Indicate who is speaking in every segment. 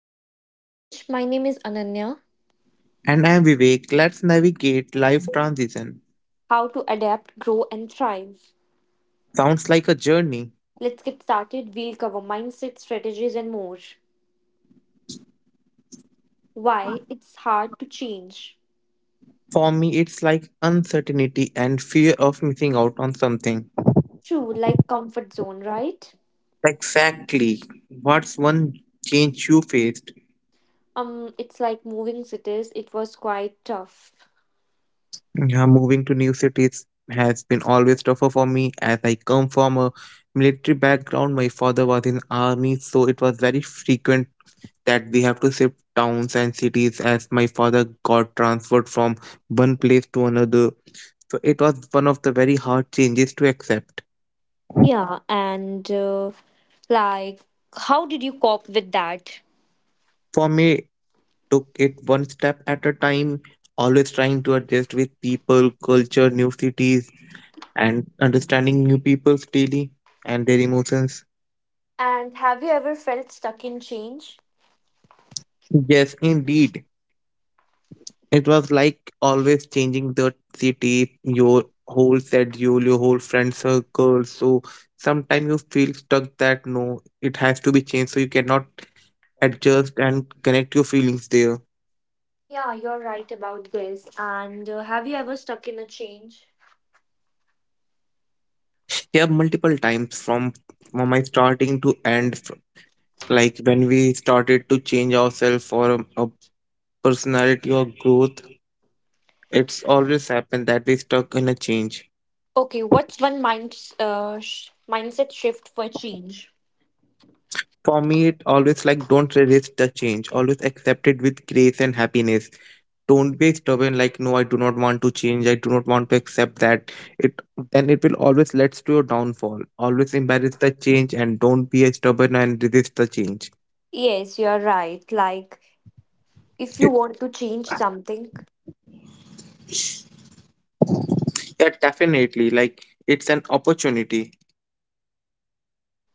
Speaker 1: Dealing with Change. My name is Ananya.
Speaker 2: And I'm Vivek. Let's navigate life transition.
Speaker 1: How to adapt, grow, and thrive.
Speaker 2: Sounds like a journey.
Speaker 1: Let's get started. We'll cover mindset, strategies, and more. Why it's hard to change.
Speaker 2: For me, it's like uncertainty and fear of missing out on something.
Speaker 1: True, like comfort zone, right?
Speaker 2: Exactly. What's one change you faced?
Speaker 1: It's like moving cities. It was quite tough.
Speaker 2: Yeah, moving to new cities has been always tougher for me as I come from a military background. My father was in army, so it was very frequent that we have to shift towns and cities as my father got transferred from one place to another. So it was one of the very hard changes to accept.
Speaker 1: Yeah, and like, how did you cope with that?
Speaker 2: For me, took it one step at a time, always trying to adjust with people, culture, new cities, and understanding new people's daily and their emotions.
Speaker 1: And have you ever felt stuck in change?
Speaker 2: Yes, indeed. It was like always changing the city, your whole schedule, your whole friend circle. So sometimes you feel stuck that no, it has to be changed, so you cannot adjust and connect your feelings there.
Speaker 1: Yeah, you're right about this. And have you ever stuck in a change?
Speaker 2: Yeah, multiple times from my starting to end, like when we started to change ourselves for a personality or growth, it's always happened that we stuck in a change.
Speaker 1: Okay, what's one mindset shift for change?
Speaker 2: For me, it always like don't resist the change. Always accept it with grace and happiness. Don't be stubborn like no, I do not want to change. I do not want to accept that. It then it will always leads to your downfall. Always embrace the change and don't be stubborn and resist the change.
Speaker 1: Yes, you're right. Like, if you want to change something,
Speaker 2: Yeah, definitely. Like it's an opportunity.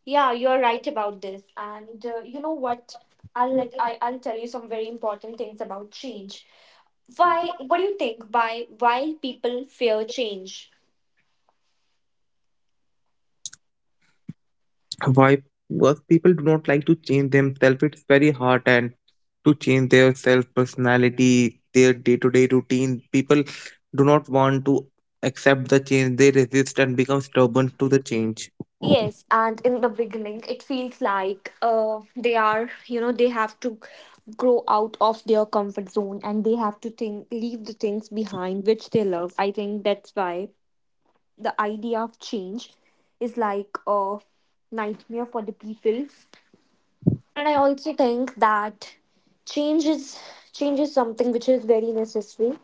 Speaker 1: yeah, you're right about this. And you know what? I'll like I I'll tell you some very important things about change. Why? What do you think? Why people fear change?
Speaker 2: Why work people do not like to change themselves. It's very hard and to change their self personality, their day to day routine. People do not want to accept the change. They resist and become stubborn to the change.
Speaker 1: Yes, and in the beginning, it feels like they are, you know, they have to grow out of their comfort zone and they have to think, leave the things behind which they love. I think that's why the idea of change is like a nightmare for the people. And I also think that change is change is something which is very necessary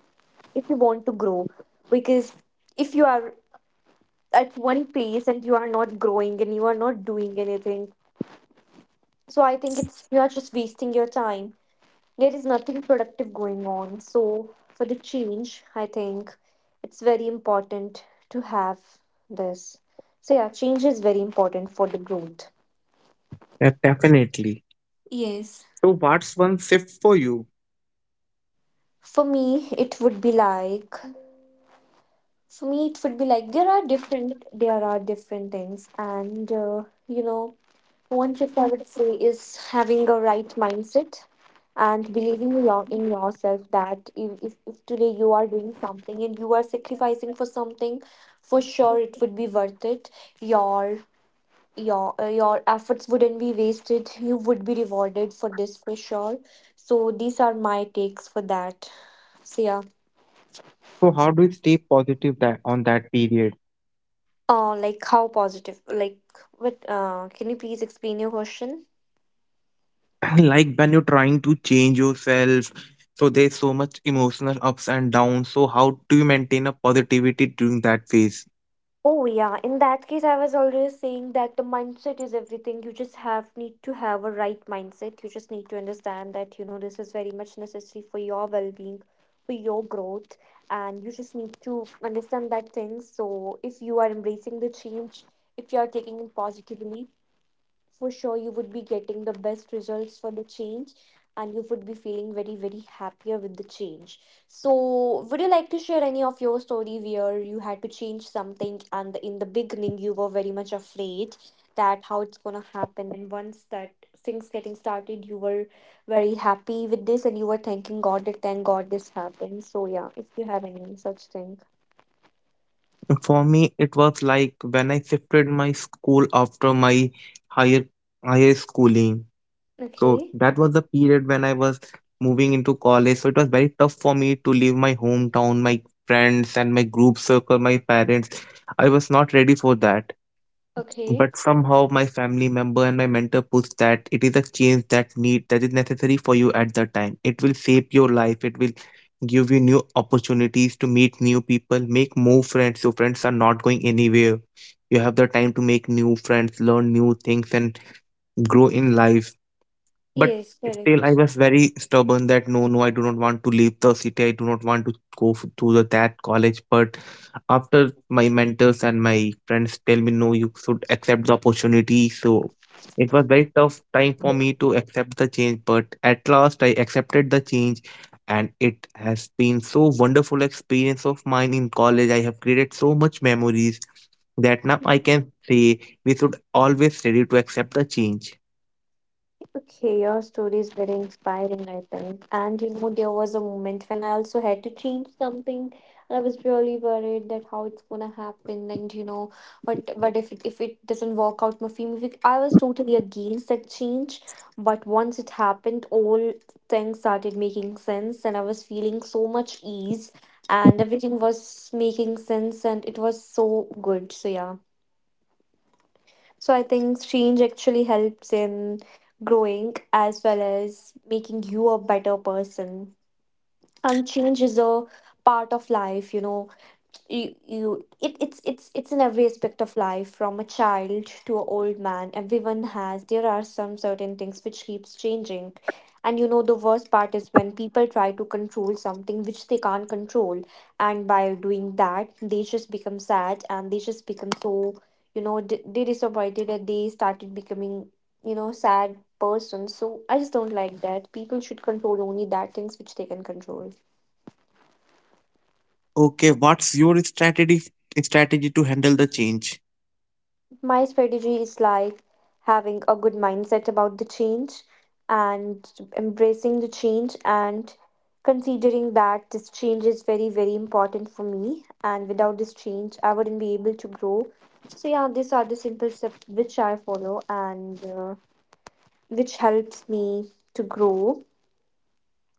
Speaker 1: if you want to grow, because if you are at one place and you are not growing and you are not doing anything. So I think it's you are just wasting your time. There is nothing productive going on. So for the change, I think it's very important to have this. So yeah, change is very important for the growth.
Speaker 2: Yeah, definitely.
Speaker 1: Yes.
Speaker 2: So what's one shift for you?
Speaker 1: For me, it would be like there are different things and you know, one tip I would say is having a right mindset and believing in in yourself that if today you are doing something and you are sacrificing for something, for sure it would be worth it. Your your efforts wouldn't be wasted. You would be rewarded for this for sure. So these are my takes for that. So yeah.
Speaker 2: So how do you stay positive that on that period?
Speaker 1: Like how positive? Like, what? Can you please explain your question?
Speaker 2: I like when you're trying to change yourself, so there's so much emotional ups and downs, so how do you maintain a positivity during that phase?
Speaker 1: Oh yeah, in that case I was always saying that the mindset is everything. You just have need to have a right mindset. You just need to understand that you know this is very much necessary for your well-being, for your growth, and you just need to understand that thing. So if you are embracing the change, if you are taking it positively, for sure you would be getting the best results for the change, and you would be feeling very happier with the change. So would you like to share any of your story where you had to change something and in the beginning you were very much afraid that how it's going to happen, and once that things getting started you were very happy with this and you were thanking god that thank god this happened. So yeah, if you have any such thing.
Speaker 2: For me, it was like when I shifted my school after my higher higher schooling. So
Speaker 1: Okay.
Speaker 2: that was the period when I was moving into college, so it was very tough for me to leave my hometown, my friends and my group circle, my parents. I was not ready for that.
Speaker 1: Okay.
Speaker 2: But somehow my family member and my mentor puts that it is a change that need that is necessary for you at the time. It will shape your life. It will give you new opportunities to meet new people, make more friends. Your friends are not going anywhere. You have the time to make new friends, learn new things, and grow in life. But
Speaker 1: Yes,
Speaker 2: still, I
Speaker 1: correct.
Speaker 2: was very stubborn that no, no, I do not want to leave the city. I do not want to go to the, that college. But after my mentors and my friends tell me, no, you should accept the opportunity. So it was very tough time for me to accept the change. But at last, I accepted the change. And it has been so wonderful experience of mine in college. I have created so much memories that now I can say we should always ready to accept the change.
Speaker 1: Okay, your story is very inspiring, I think. And you know, there was a moment when I also had to change something. And I was really worried that how it's gonna happen, and you know, what if if it doesn't work out, my film. If it- I was totally against that change, but once it happened, all things started making sense, and I was feeling so much ease, and everything was making sense, and it was so good. So yeah. So I think change actually helps in growing as well as making you a better person, and change is a part of life, you know. You it's it's in every aspect of life. From a child to an old man, everyone has, there are some certain things which keeps changing. And you know, the worst part is when people try to control something which they can't control, and by doing that they just become sad and they just become so, you know, they disappointed that they started becoming, you know, sad person. So I just don't like that. People should control only that things which they can control.
Speaker 2: Okay, what's your strategy to handle the change?
Speaker 1: My strategy is like having a good mindset about the change, and embracing the change, and considering that this change is very, very important for me. And without this change, I wouldn't be able to grow. So, yeah, these are the simple steps which I follow, and which helps me to grow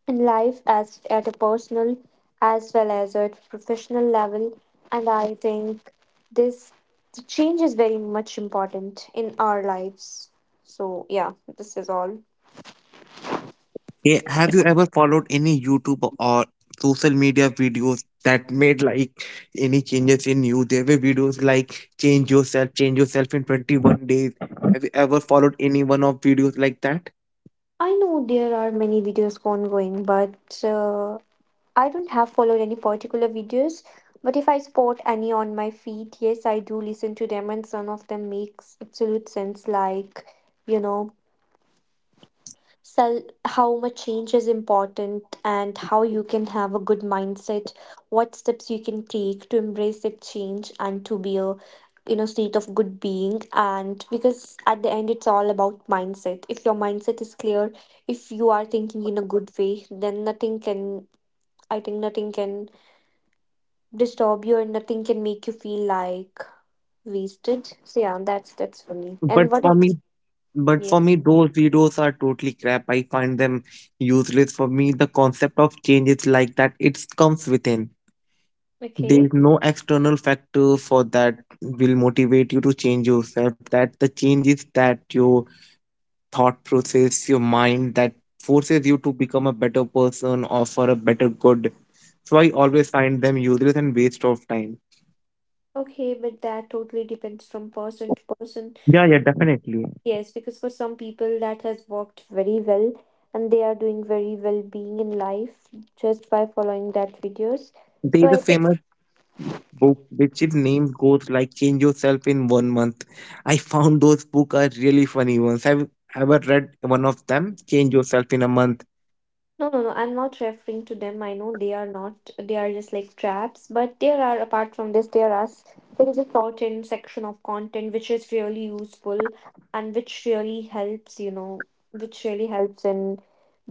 Speaker 1: in life as at a personal as well as at professional level. And I think this the change is very much important in our lives. So yeah, this is all.
Speaker 2: Okay, have you ever followed any YouTube or social media videos that made like any changes in you? There were videos like change yourself in 21 days. Have you ever followed any one of videos like that?
Speaker 1: I know there are many videos ongoing, but I don't have followed any particular videos. But if I spot any on my feed, yes, I do listen to them, and some of them makes absolute sense. Like, you know, how much change is important, and how you can have a good mindset, what steps you can take to embrace that change and to be a in a state of good being. And because at the end it's all about mindset. If your mindset is clear, if you are thinking in a good way, then nothing can I think nothing can disturb you, and nothing can make you feel like wasted. So yeah, that's for me. And
Speaker 2: But
Speaker 1: what
Speaker 2: for
Speaker 1: it.
Speaker 2: me, but for me,
Speaker 1: Yes.
Speaker 2: those videos are totally crap. I find them useless. For me, the concept of change is like that. It comes within. There
Speaker 1: Okay.
Speaker 2: is no external factor for that will motivate you to change yourself, that the change is that your thought process, your mind that forces you to become a better person or for a better good. So I always find them useless and waste of time.
Speaker 1: Okay, but that totally depends from person to person.
Speaker 2: Yeah, yeah, definitely.
Speaker 1: Yes, because for some people that has worked very well, and they are doing very well being in life just by following that videos.
Speaker 2: There
Speaker 1: So
Speaker 2: is a
Speaker 1: I.
Speaker 2: famous book which is named goes like change yourself in 1 month. I found those book are really funny ones. Have you ever read one of them, change yourself in a month?
Speaker 1: No, no, no. I'm not referring to them. I know they are not. They are just like traps. But there are, apart from this, there are there is a certain section of content which is really useful and which really helps. You know, which really helps in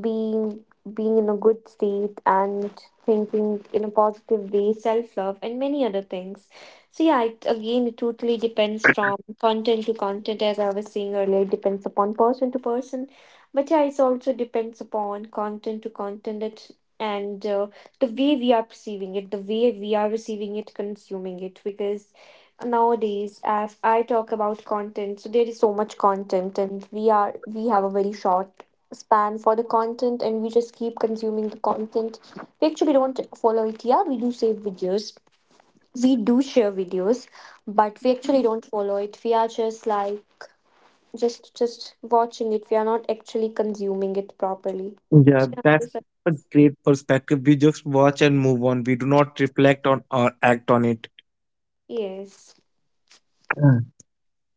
Speaker 1: being being in a good state and thinking in a positive way, self love, and many other things. So yeah, it, again, it totally depends from content to content, as I was saying earlier. It depends upon person to person, but yeah, it also depends upon content to content it, and the way we are perceiving it, the way we are receiving it, consuming it. Because nowadays, as I talk about content, so there is so much content, and we have a very short span for the content, and we just keep consuming the content. We actually don't follow it. Yeah, we do save videos, we do share videos, but we actually don't follow it. We are just like just watching it. We are not actually consuming it properly.
Speaker 2: Yeah,
Speaker 1: Yeah,
Speaker 2: that's
Speaker 1: it's a-
Speaker 2: a great perspective. We just watch and move on. We do not reflect on or act on it.
Speaker 1: yes,
Speaker 2: Mm.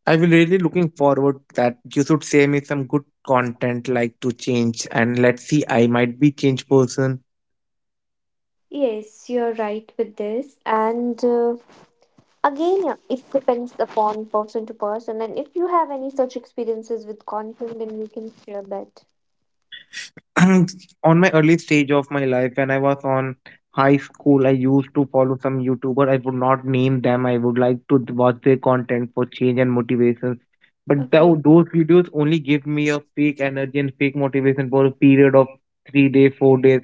Speaker 2: I will really looking forward that you should send me some good content like to change and let's see I might be change person.
Speaker 1: yes, you're right with this, and again, yeah, it depends upon person to person. And if you have any such experiences with content, then you can share that.
Speaker 2: On my early stage of my life when I was on high school, I used to follow some youtuber, I would not name them. I would like to watch their content for change and motivation, but
Speaker 1: Okay.
Speaker 2: those videos only give me a fake energy and fake motivation for a period of 3 days, 4 days,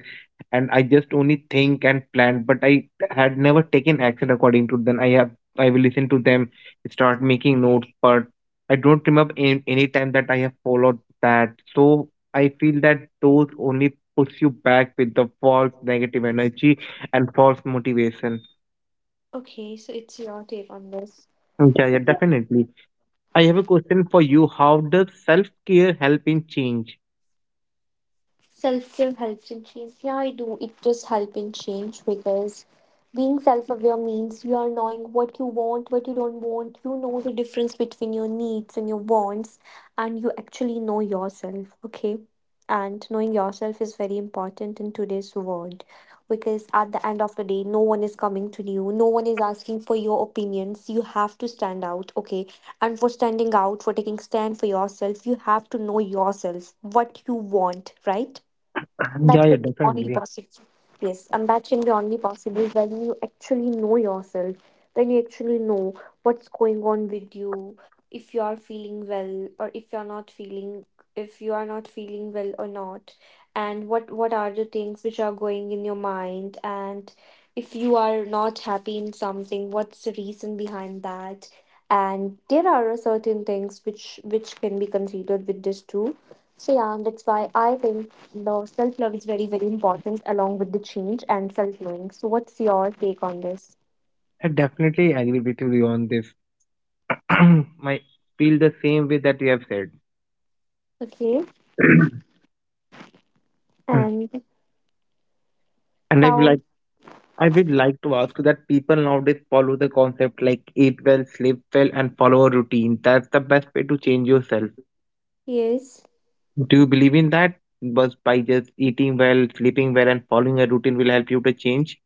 Speaker 2: and I just only think and plan, but I had never taken action according to them. I will listen to them, start making notes, but I don't remember in, any time that I have followed that. So I feel that those only push you back with the false negative energy and false motivation.
Speaker 1: Okay, so it's your take on this.
Speaker 2: Yeah, yeah, definitely. I have a question for you. How does self-care help in change?
Speaker 1: Self-care helps in change. Yeah, I do. It does help in change, because being self-aware means you are knowing what you want, what you don't want. You know the difference between your needs and your wants, and you actually know yourself. Okay, and knowing yourself is very important in today's world, because at the end of the day, no one is coming to you. No one is asking for your opinions. You have to stand out. Okay, and for standing out, for taking stand for yourself, you have to know yourself what you want, right?
Speaker 2: Yeah,
Speaker 1: That
Speaker 2: yeah,
Speaker 1: could be only
Speaker 2: definitely.
Speaker 1: possible. Yes, and that can be only possible when you actually know yourself, when you actually know what's going on with you, if you are feeling well or if you're not feeling, if you are not feeling well or not, and what are the things which are going in your mind, and if you are not happy in something, what's the reason behind that? And there are certain things which can be considered with this too. So yeah, that's why I think the self love is very very important along with the change and self knowing. So what's your take on this?
Speaker 2: I definitely agree with you on this. I feel the same way that you have said.
Speaker 1: Okay. And
Speaker 2: And
Speaker 1: how?
Speaker 2: I would like to ask you that people nowadays follow the concept like eat well, sleep well, and follow a routine. That's the best way to change yourself.
Speaker 1: Yes.
Speaker 2: Do you believe in that? But by just eating well, sleeping well, and following a routine will help you to change.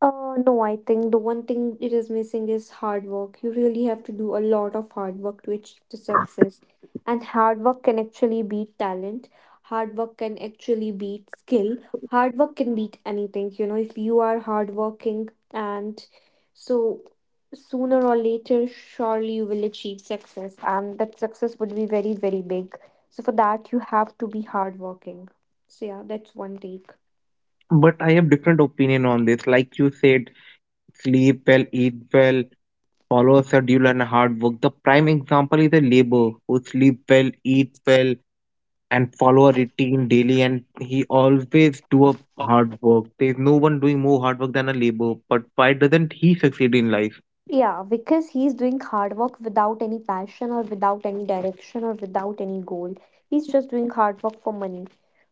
Speaker 1: No, I think the one thing it is missing is hard work. You really have to do a lot of hard work to achieve the success. And hard work can actually beat talent. Hard work can actually beat skill. Hard work can beat anything, you know, if you are hardworking, and so sooner or later, surely you will achieve success, and that success would be very, very big. So for that, you have to be hardworking. So yeah, that's one take.
Speaker 2: But I have different opinion on this. Like you said, sleep well, eat well, follow a schedule and hard work. The prime example is a labor who sleep well, eat well, and follow a routine daily, and he always do a hard work. There is no one doing more hard work than a labor. But why doesn't he succeed in life?
Speaker 1: Yeah, because he's doing hard work without any passion or without any direction or without any goal. He's just doing hard work for money.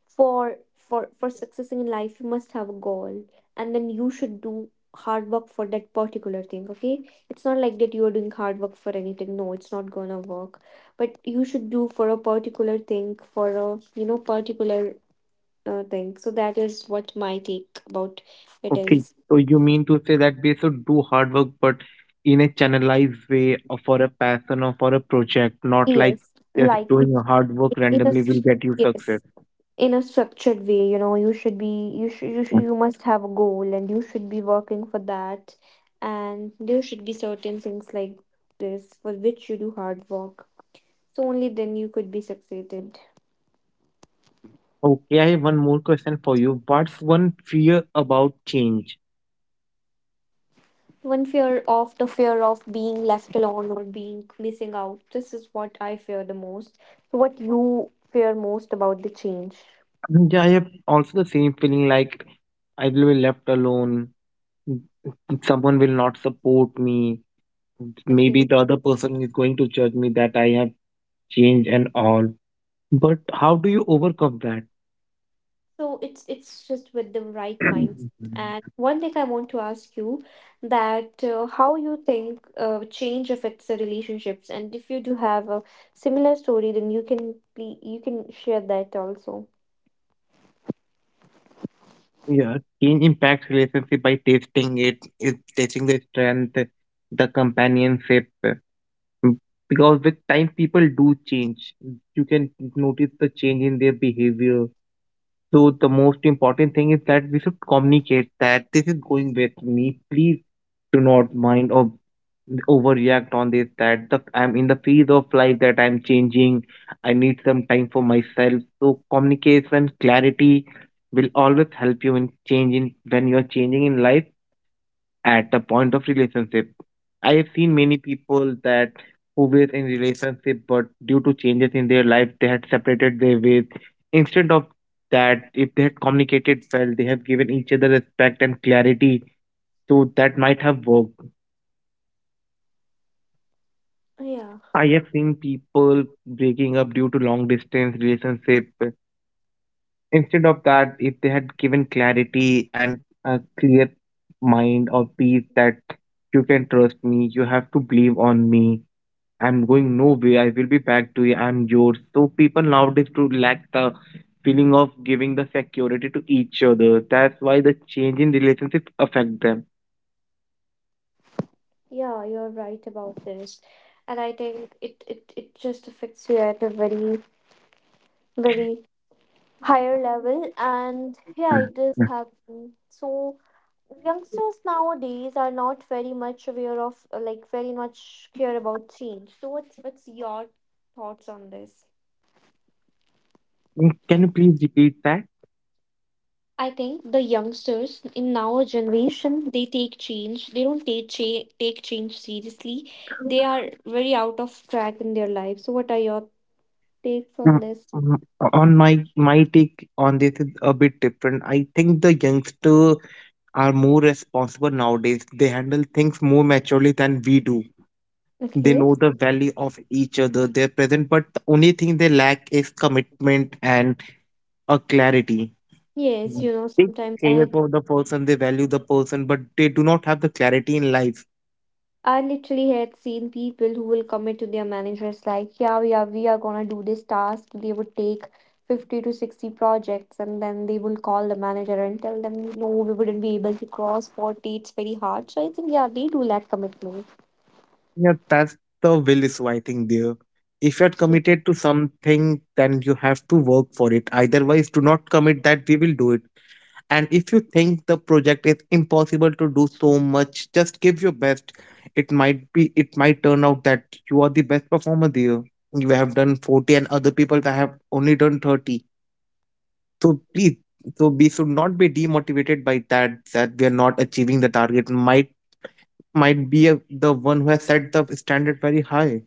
Speaker 1: For successing in life, you must have a goal, and then you should do hard work for that particular thing. Okay, it's not like that you are doing hard work for anything. No, it's not gonna work. But you should do for a particular thing for a particular thing. So that is what my take about it
Speaker 2: Okay,
Speaker 1: is.
Speaker 2: so you mean to say that we should do hard work, but in a channelized way or for a passion or for a project, not like
Speaker 1: Yes,
Speaker 2: just
Speaker 1: like it,
Speaker 2: doing a hard work
Speaker 1: it
Speaker 2: randomly
Speaker 1: is.
Speaker 2: will get you success.
Speaker 1: Yes, in a structured way, you should be
Speaker 2: Yeah.
Speaker 1: you must have a goal and you should be working for that, and there should be certain things like this for which you do hard work, so only then you could be succeeded.
Speaker 2: Okay, I have one more question for you. What's one fear about change?
Speaker 1: One fear of the fear of being left alone or being missing out, this is what I fear the most. So what you fear most about the change?
Speaker 2: Mm, yeah, I have also the same feeling like I will be left alone, someone will not support me, maybe the other person is going to judge me that I have changed and all. But how do you overcome that?
Speaker 1: So it's just with the right mindset. And one thing I want to ask you, that how you think change affects the relationships, and if you do have a similar story, then you can share that also.
Speaker 2: Yeah, teen impacts relationship by testing it, it testing the strength, the companionship. Mm, because with time, people do change. You can notice the change in their behavior. So the most important thing is that we should communicate that this is going with me. Please do not mind or overreact on this that the I'm in the phase of life that I'm changing. I need some time for myself, so communication clarity will always help you in changing when you're changing in life at the point of relationship. I have seen many people that who were in relationship, but due to changes in their life they had separated their ways. Instead of that, if they had communicated well, they have given each other respect and clarity, so that might have worked.
Speaker 1: Yeah,
Speaker 2: I have seen people breaking up due to long distance relationship. Instead of that, if they had given clarity and a clear mind or peace that you can trust me, you have to believe on me. I'm going nowhere. I will be back to you. I'm yours. So people nowadays to lack the feeling of giving the security to each other. That's why the change in relationship affect them.
Speaker 1: yeah, you're right about this, and I think it just affects you at a very very higher level, and yeah, it does happen. So youngsters nowadays are not very much aware of, like very much care about change. So what's your thoughts on this?
Speaker 2: Mm, can you please repeat that?
Speaker 1: I think the youngsters in our generation, they take change, they don't take cha- take change seriously. They are very out of track in their life. So what are your takes on
Speaker 2: Mm,
Speaker 1: this?
Speaker 2: mm, On my take on this is a bit different. I think the youngsters are more responsible nowadays. They handle things more maturely than we do. They
Speaker 1: Okay.
Speaker 2: know the value of each other. They're present, but the only thing they lack is commitment and a clarity.
Speaker 1: Yes,
Speaker 2: Mm.
Speaker 1: you know,
Speaker 2: They
Speaker 1: sometimes I
Speaker 2: care
Speaker 1: had
Speaker 2: for the person, they value the person, but they do not have the clarity in life.
Speaker 1: I literally had seen people who will commit to their managers like, yeah, yeah, we are gonna do this task. They would take 50 to 60 projects and then they will call the manager and tell them, no, we wouldn't be able to cross 40. It's very hard. So I think, yeah, they do lack commitment.
Speaker 2: Yeah, that's the will is I think there. If you're
Speaker 1: Yes,
Speaker 2: committed to something, then you have to work for it. Otherwise, do not commit that we will do it. And if you think the project is impossible to do so much, just give your best. It might turn out that you are the best performer there. You have done 40 and other people that have only done 30. So please so we should not be demotivated by that that we are not achieving the target. Might be a, the one who has set the standard very high.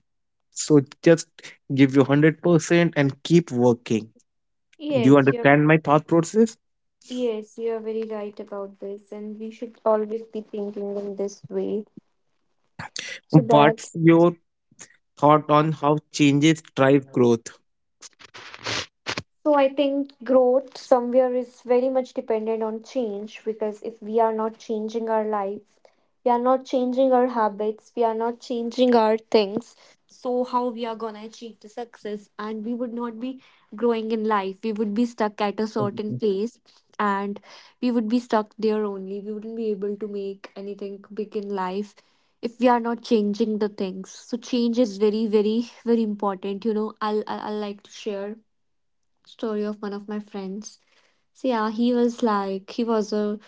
Speaker 2: So just give you 100% and keep working. Do you
Speaker 1: yes, you're
Speaker 2: understand my thought process?
Speaker 1: yes, you're very right about this, and we should always be thinking in this way so
Speaker 2: What's
Speaker 1: that
Speaker 2: your thought on how changes drive growth?
Speaker 1: So I think growth somewhere is very much dependent on change, because if we are not changing our life, we are not changing our habits, we are not changing our things. So how we are gonna achieve the success? And we would not be growing in life. We would be stuck at a certain place, and we would be stuck there only. We wouldn't be able to make anything big in life if we are not changing the things. So change is very, very, very important. You know, I'll like to share story of one of my friends. So yeah, he was like he was a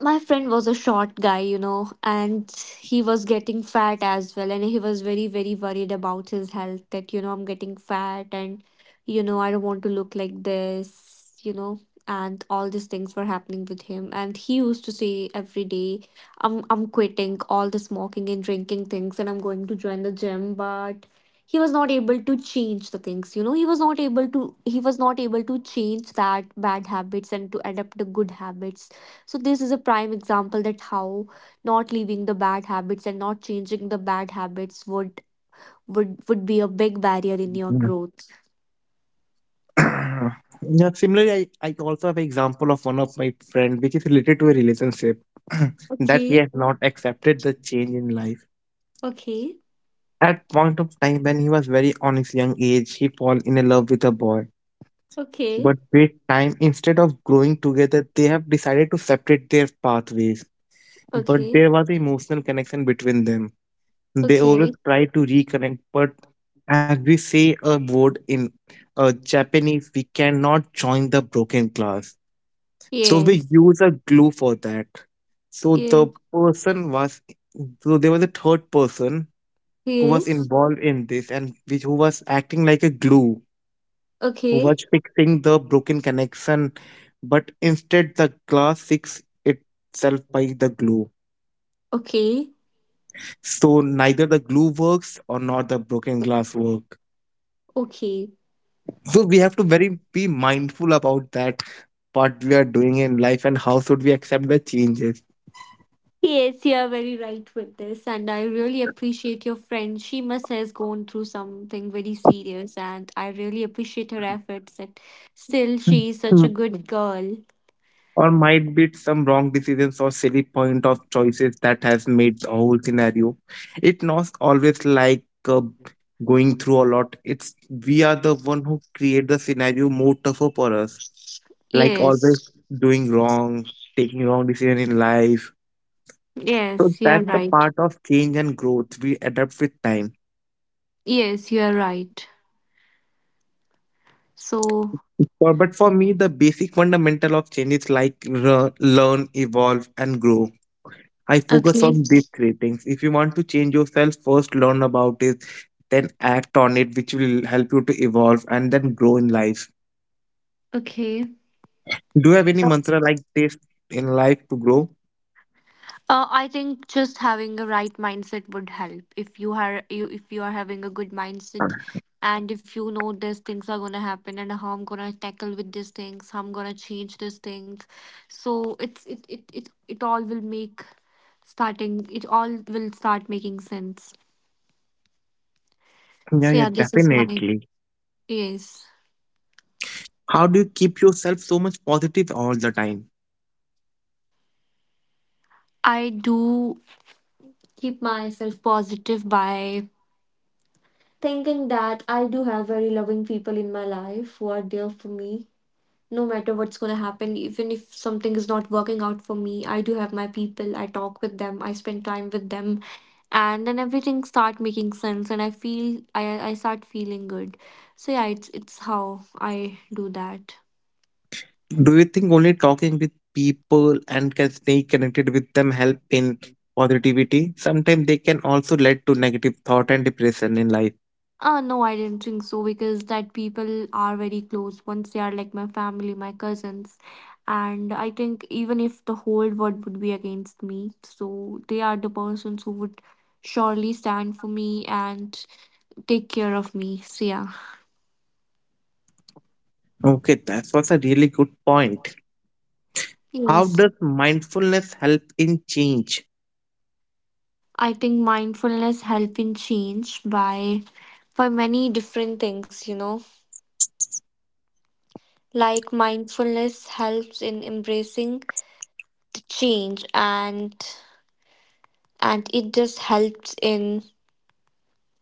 Speaker 1: my friend was a short guy, you know, and he was getting fat as well. And he was very, very worried about his health that, I'm getting fat, and, I don't want to look like this, And all these things were happening with him. And he used to say every day, I'm quitting all the smoking and drinking things and I'm going to join the gym. But he was not able to change the things, He was not able to change that bad habits and to adapt the good habits. So this is a prime example, that how not leaving the bad habits and not changing the bad habits would be a big barrier in your
Speaker 2: Mhm.
Speaker 1: growth.
Speaker 2: Yeah, similarly, I also have an example of one of my friend which is related to a relationship. That he
Speaker 1: Okay.
Speaker 2: has not accepted the change in life.
Speaker 1: Okay.
Speaker 2: At point of time when he was very on his young age, he fall in a love with a boy.
Speaker 1: Okay.
Speaker 2: But with time, instead of growing together, they have decided to separate their pathways. But
Speaker 1: Okay.
Speaker 2: there was an emotional connection between them. They always
Speaker 1: Okay.
Speaker 2: try to reconnect, but as we say a word in Japanese, we cannot join the broken glass. So we
Speaker 1: Yes.
Speaker 2: use a glue for that. So the
Speaker 1: Yes.
Speaker 2: person was, so there was a third person who was
Speaker 1: Yes.
Speaker 2: involved in this and which who was acting like a glue, who was
Speaker 1: Okay.
Speaker 2: fixing the broken connection, but instead the glass fixed itself by the glue.
Speaker 1: Okay.
Speaker 2: So neither the glue works or not the broken glass work.
Speaker 1: Okay.
Speaker 2: So we have to very be mindful about that, what we are doing in life and how should we accept the changes.
Speaker 1: Yes, you are very right with this, and I really appreciate your friend. She must has gone through something very serious, and I really appreciate her efforts. That still she is such a
Speaker 2: Hmm.
Speaker 1: good girl.
Speaker 2: Or might be some wrong decisions or silly point of choices that has made the whole scenario, it not always like going through a lot, it's we are the one who create the scenario more tougher for us, like always
Speaker 1: Yes,
Speaker 2: doing wrong, taking wrong decision in life. So
Speaker 1: yes, you're
Speaker 2: that's the
Speaker 1: right.
Speaker 2: part of change and growth. We adapt with time.
Speaker 1: Yes, you're right. So,
Speaker 2: For, but for me, the basic fundamental of change is like learn, evolve, and grow. I focus
Speaker 1: okay,
Speaker 2: on these three things. If you want to change yourself, first learn about it, then act on it, which will help you to evolve and then grow in life.
Speaker 1: okay.
Speaker 2: Do you have any
Speaker 1: Uh,
Speaker 2: mantra like this in life to grow?
Speaker 1: I think just having a right mindset would help. If you if you are having a good mindset, and if you know these things are gonna happen and how I'm gonna tackle with these things, how I'm gonna change these things, so it all will make starting it all will start making sense. So
Speaker 2: Yeah,
Speaker 1: yeah,
Speaker 2: yeah,
Speaker 1: this is my
Speaker 2: definitely.
Speaker 1: yes.
Speaker 2: How do you keep yourself so much positive all the time?
Speaker 1: I do keep myself positive by thinking that I do have very loving people in my life who are there for me. No matter what's going to happen, even if something is not working out for me, I do have my people. I talk with them, I spend time with them, and then everything start making sense and I feel I start feeling good. So yeah, it's how I do that.
Speaker 2: Do you think only talking with people and can stay connected with them help in positivity? Sometimes they can also lead to negative thought and depression in life.
Speaker 1: No, I didn't think so, because that people are very close once, they are like my family, my cousins. And I think even if the whole world would be against me, so they are the persons who would surely stand for me and take care of me. So, yeah.
Speaker 2: Okay, that was a really good point. How
Speaker 1: Yes.
Speaker 2: does mindfulness help in change?
Speaker 1: I think mindfulness help in change by many different things, you know. Like mindfulness helps in embracing the change, and it just helps in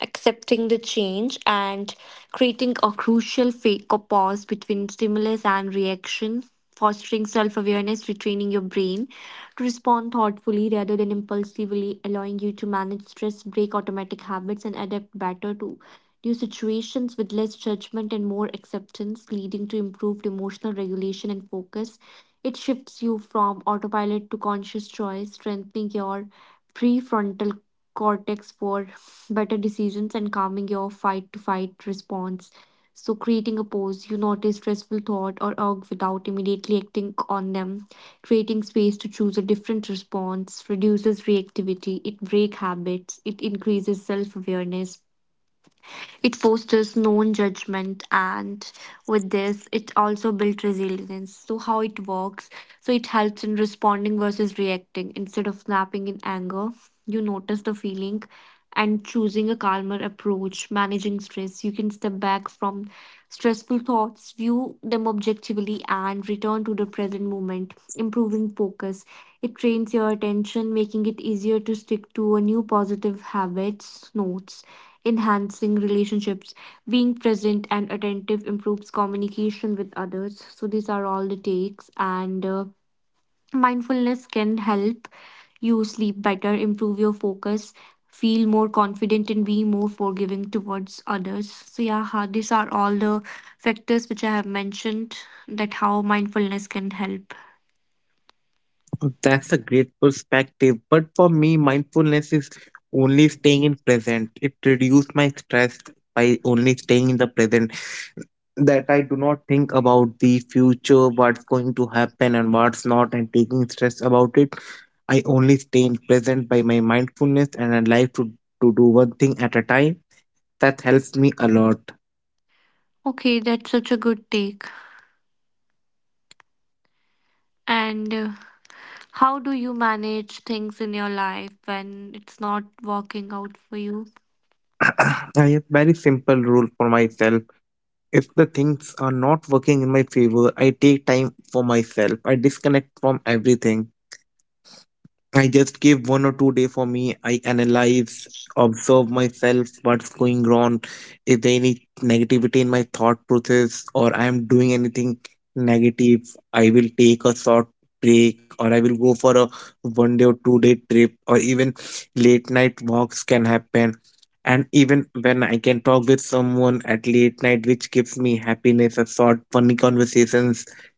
Speaker 1: accepting the change, and creating a crucial fake or pause between stimulus and reaction, fostering self-awareness, retraining your brain to respond thoughtfully rather than impulsively, allowing you to manage stress, break automatic habits, and adapt better to new situations with less judgment and more acceptance, leading to improved emotional regulation and focus. It shifts you from autopilot to conscious choice, strengthening your prefrontal cortex for better decisions and calming your fight to fight response. So, creating a pause, you notice stressful thought or urge without immediately acting on them. Creating space to choose a different response reduces reactivity, it breaks habits, it increases self awareness, it fosters non judgment, and with this, it also builds resilience. So, how it works, so, it helps in responding versus reacting. Instead of snapping in anger, you notice the feeling and choosing a calmer approach, managing stress. You can step back from stressful thoughts, view them objectively, and return to the present moment, improving focus. It trains your attention, making it easier to stick to a new positive habits notes, enhancing relationships. Being present and attentive improves communication with others. So these are all the takes, and mindfulness can help you sleep better, improve your focus, feel more confident and be more forgiving towards others. So yeah, these are all the factors which I have mentioned, that how mindfulness can help.
Speaker 2: That's a great perspective. But for me, mindfulness is only staying in present. It reduces my stress by only staying in the present. That I do not think about the future, what's going to happen and what's not, and taking stress about it. I only stay in present by my mindfulness and I like to do one thing at a time. That helps me a lot.
Speaker 1: Okay, that's such a good take. And how do you manage things in your life when it's not working out for you?
Speaker 2: I have very simple rule for myself. If the things are not working in my favor, I take time for myself. I disconnect from everything. I just give 1 or 2 day for me. I analyze, observe myself, what's going wrong, if there any negativity in my thought process or I am doing anything negative, I will take a short break or I will go for a 1 day or 2 day trip or even late night walks can happen. And even when I can talk with someone at late night, which gives me happiness, a short funny conversations,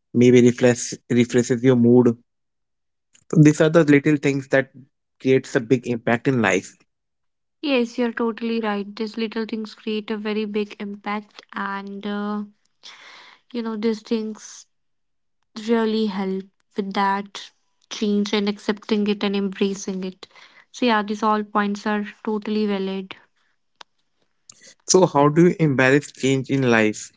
Speaker 2: maybe refreshes your mood. These are the little things that creates a big impact in life.
Speaker 1: Yes, you're totally right. These little things create a very big impact, and you know, these things really help with that change and accepting it and embracing it. So, yeah, these all points are totally valid.
Speaker 2: So how do you embrace change in life?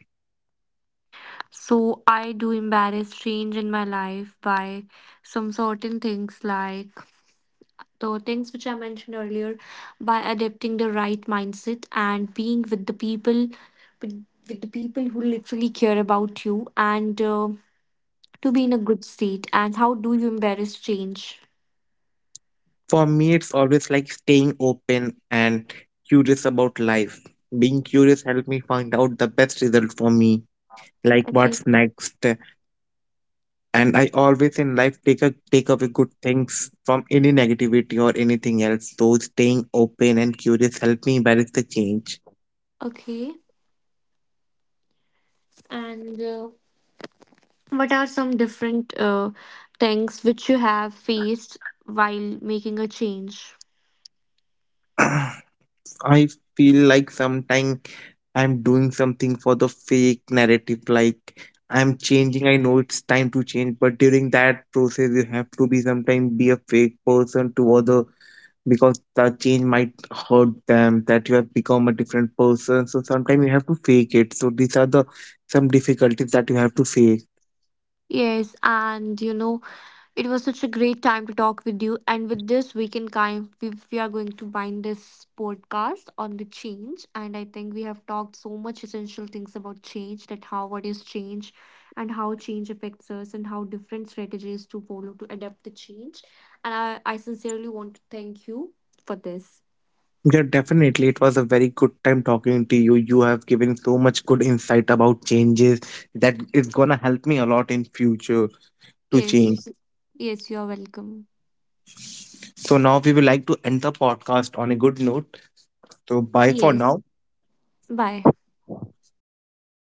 Speaker 1: So, I do embarrass change in my life by some certain things like the things which I mentioned earlier, by adapting the right mindset and being with the people with the people who literally care about you, and to be in a good state. And how do you embrace change?
Speaker 2: For me, it's always like staying open and curious about life. Being curious helped me find out the best result for me, like
Speaker 1: Okay.
Speaker 2: what's next. And I always in life take away good things from any negativity or anything else. So staying open and curious helped me embrace the change.
Speaker 1: Okay, and what are some different things which you have faced while making a change?
Speaker 2: I feel like sometimes I'm doing something for the fake narrative, like I'm changing. I know it's time to change, but during that process, you have to be sometimes be a fake person to other, because that change might hurt them. That you have become a different person, so sometimes you have to fake it. So these are the some difficulties that you have to face.
Speaker 1: Yes, and you know, it was such a great time to talk with you. And with this, we can we are going to bind this podcast on the change. And I think we have talked so much essential things about change, that how what is change and how change affects us and how different strategies to follow to adapt the change. And I sincerely want to thank you for this.
Speaker 2: Yeah, definitely. It was a very good time talking to you. You have given so much good insight about changes that is gonna help me a lot in future. To change.
Speaker 1: Yes. Yes, you are welcome.
Speaker 2: So now we would like to end the podcast on a good note. So bye for
Speaker 1: Yes.
Speaker 2: now.
Speaker 1: Bye.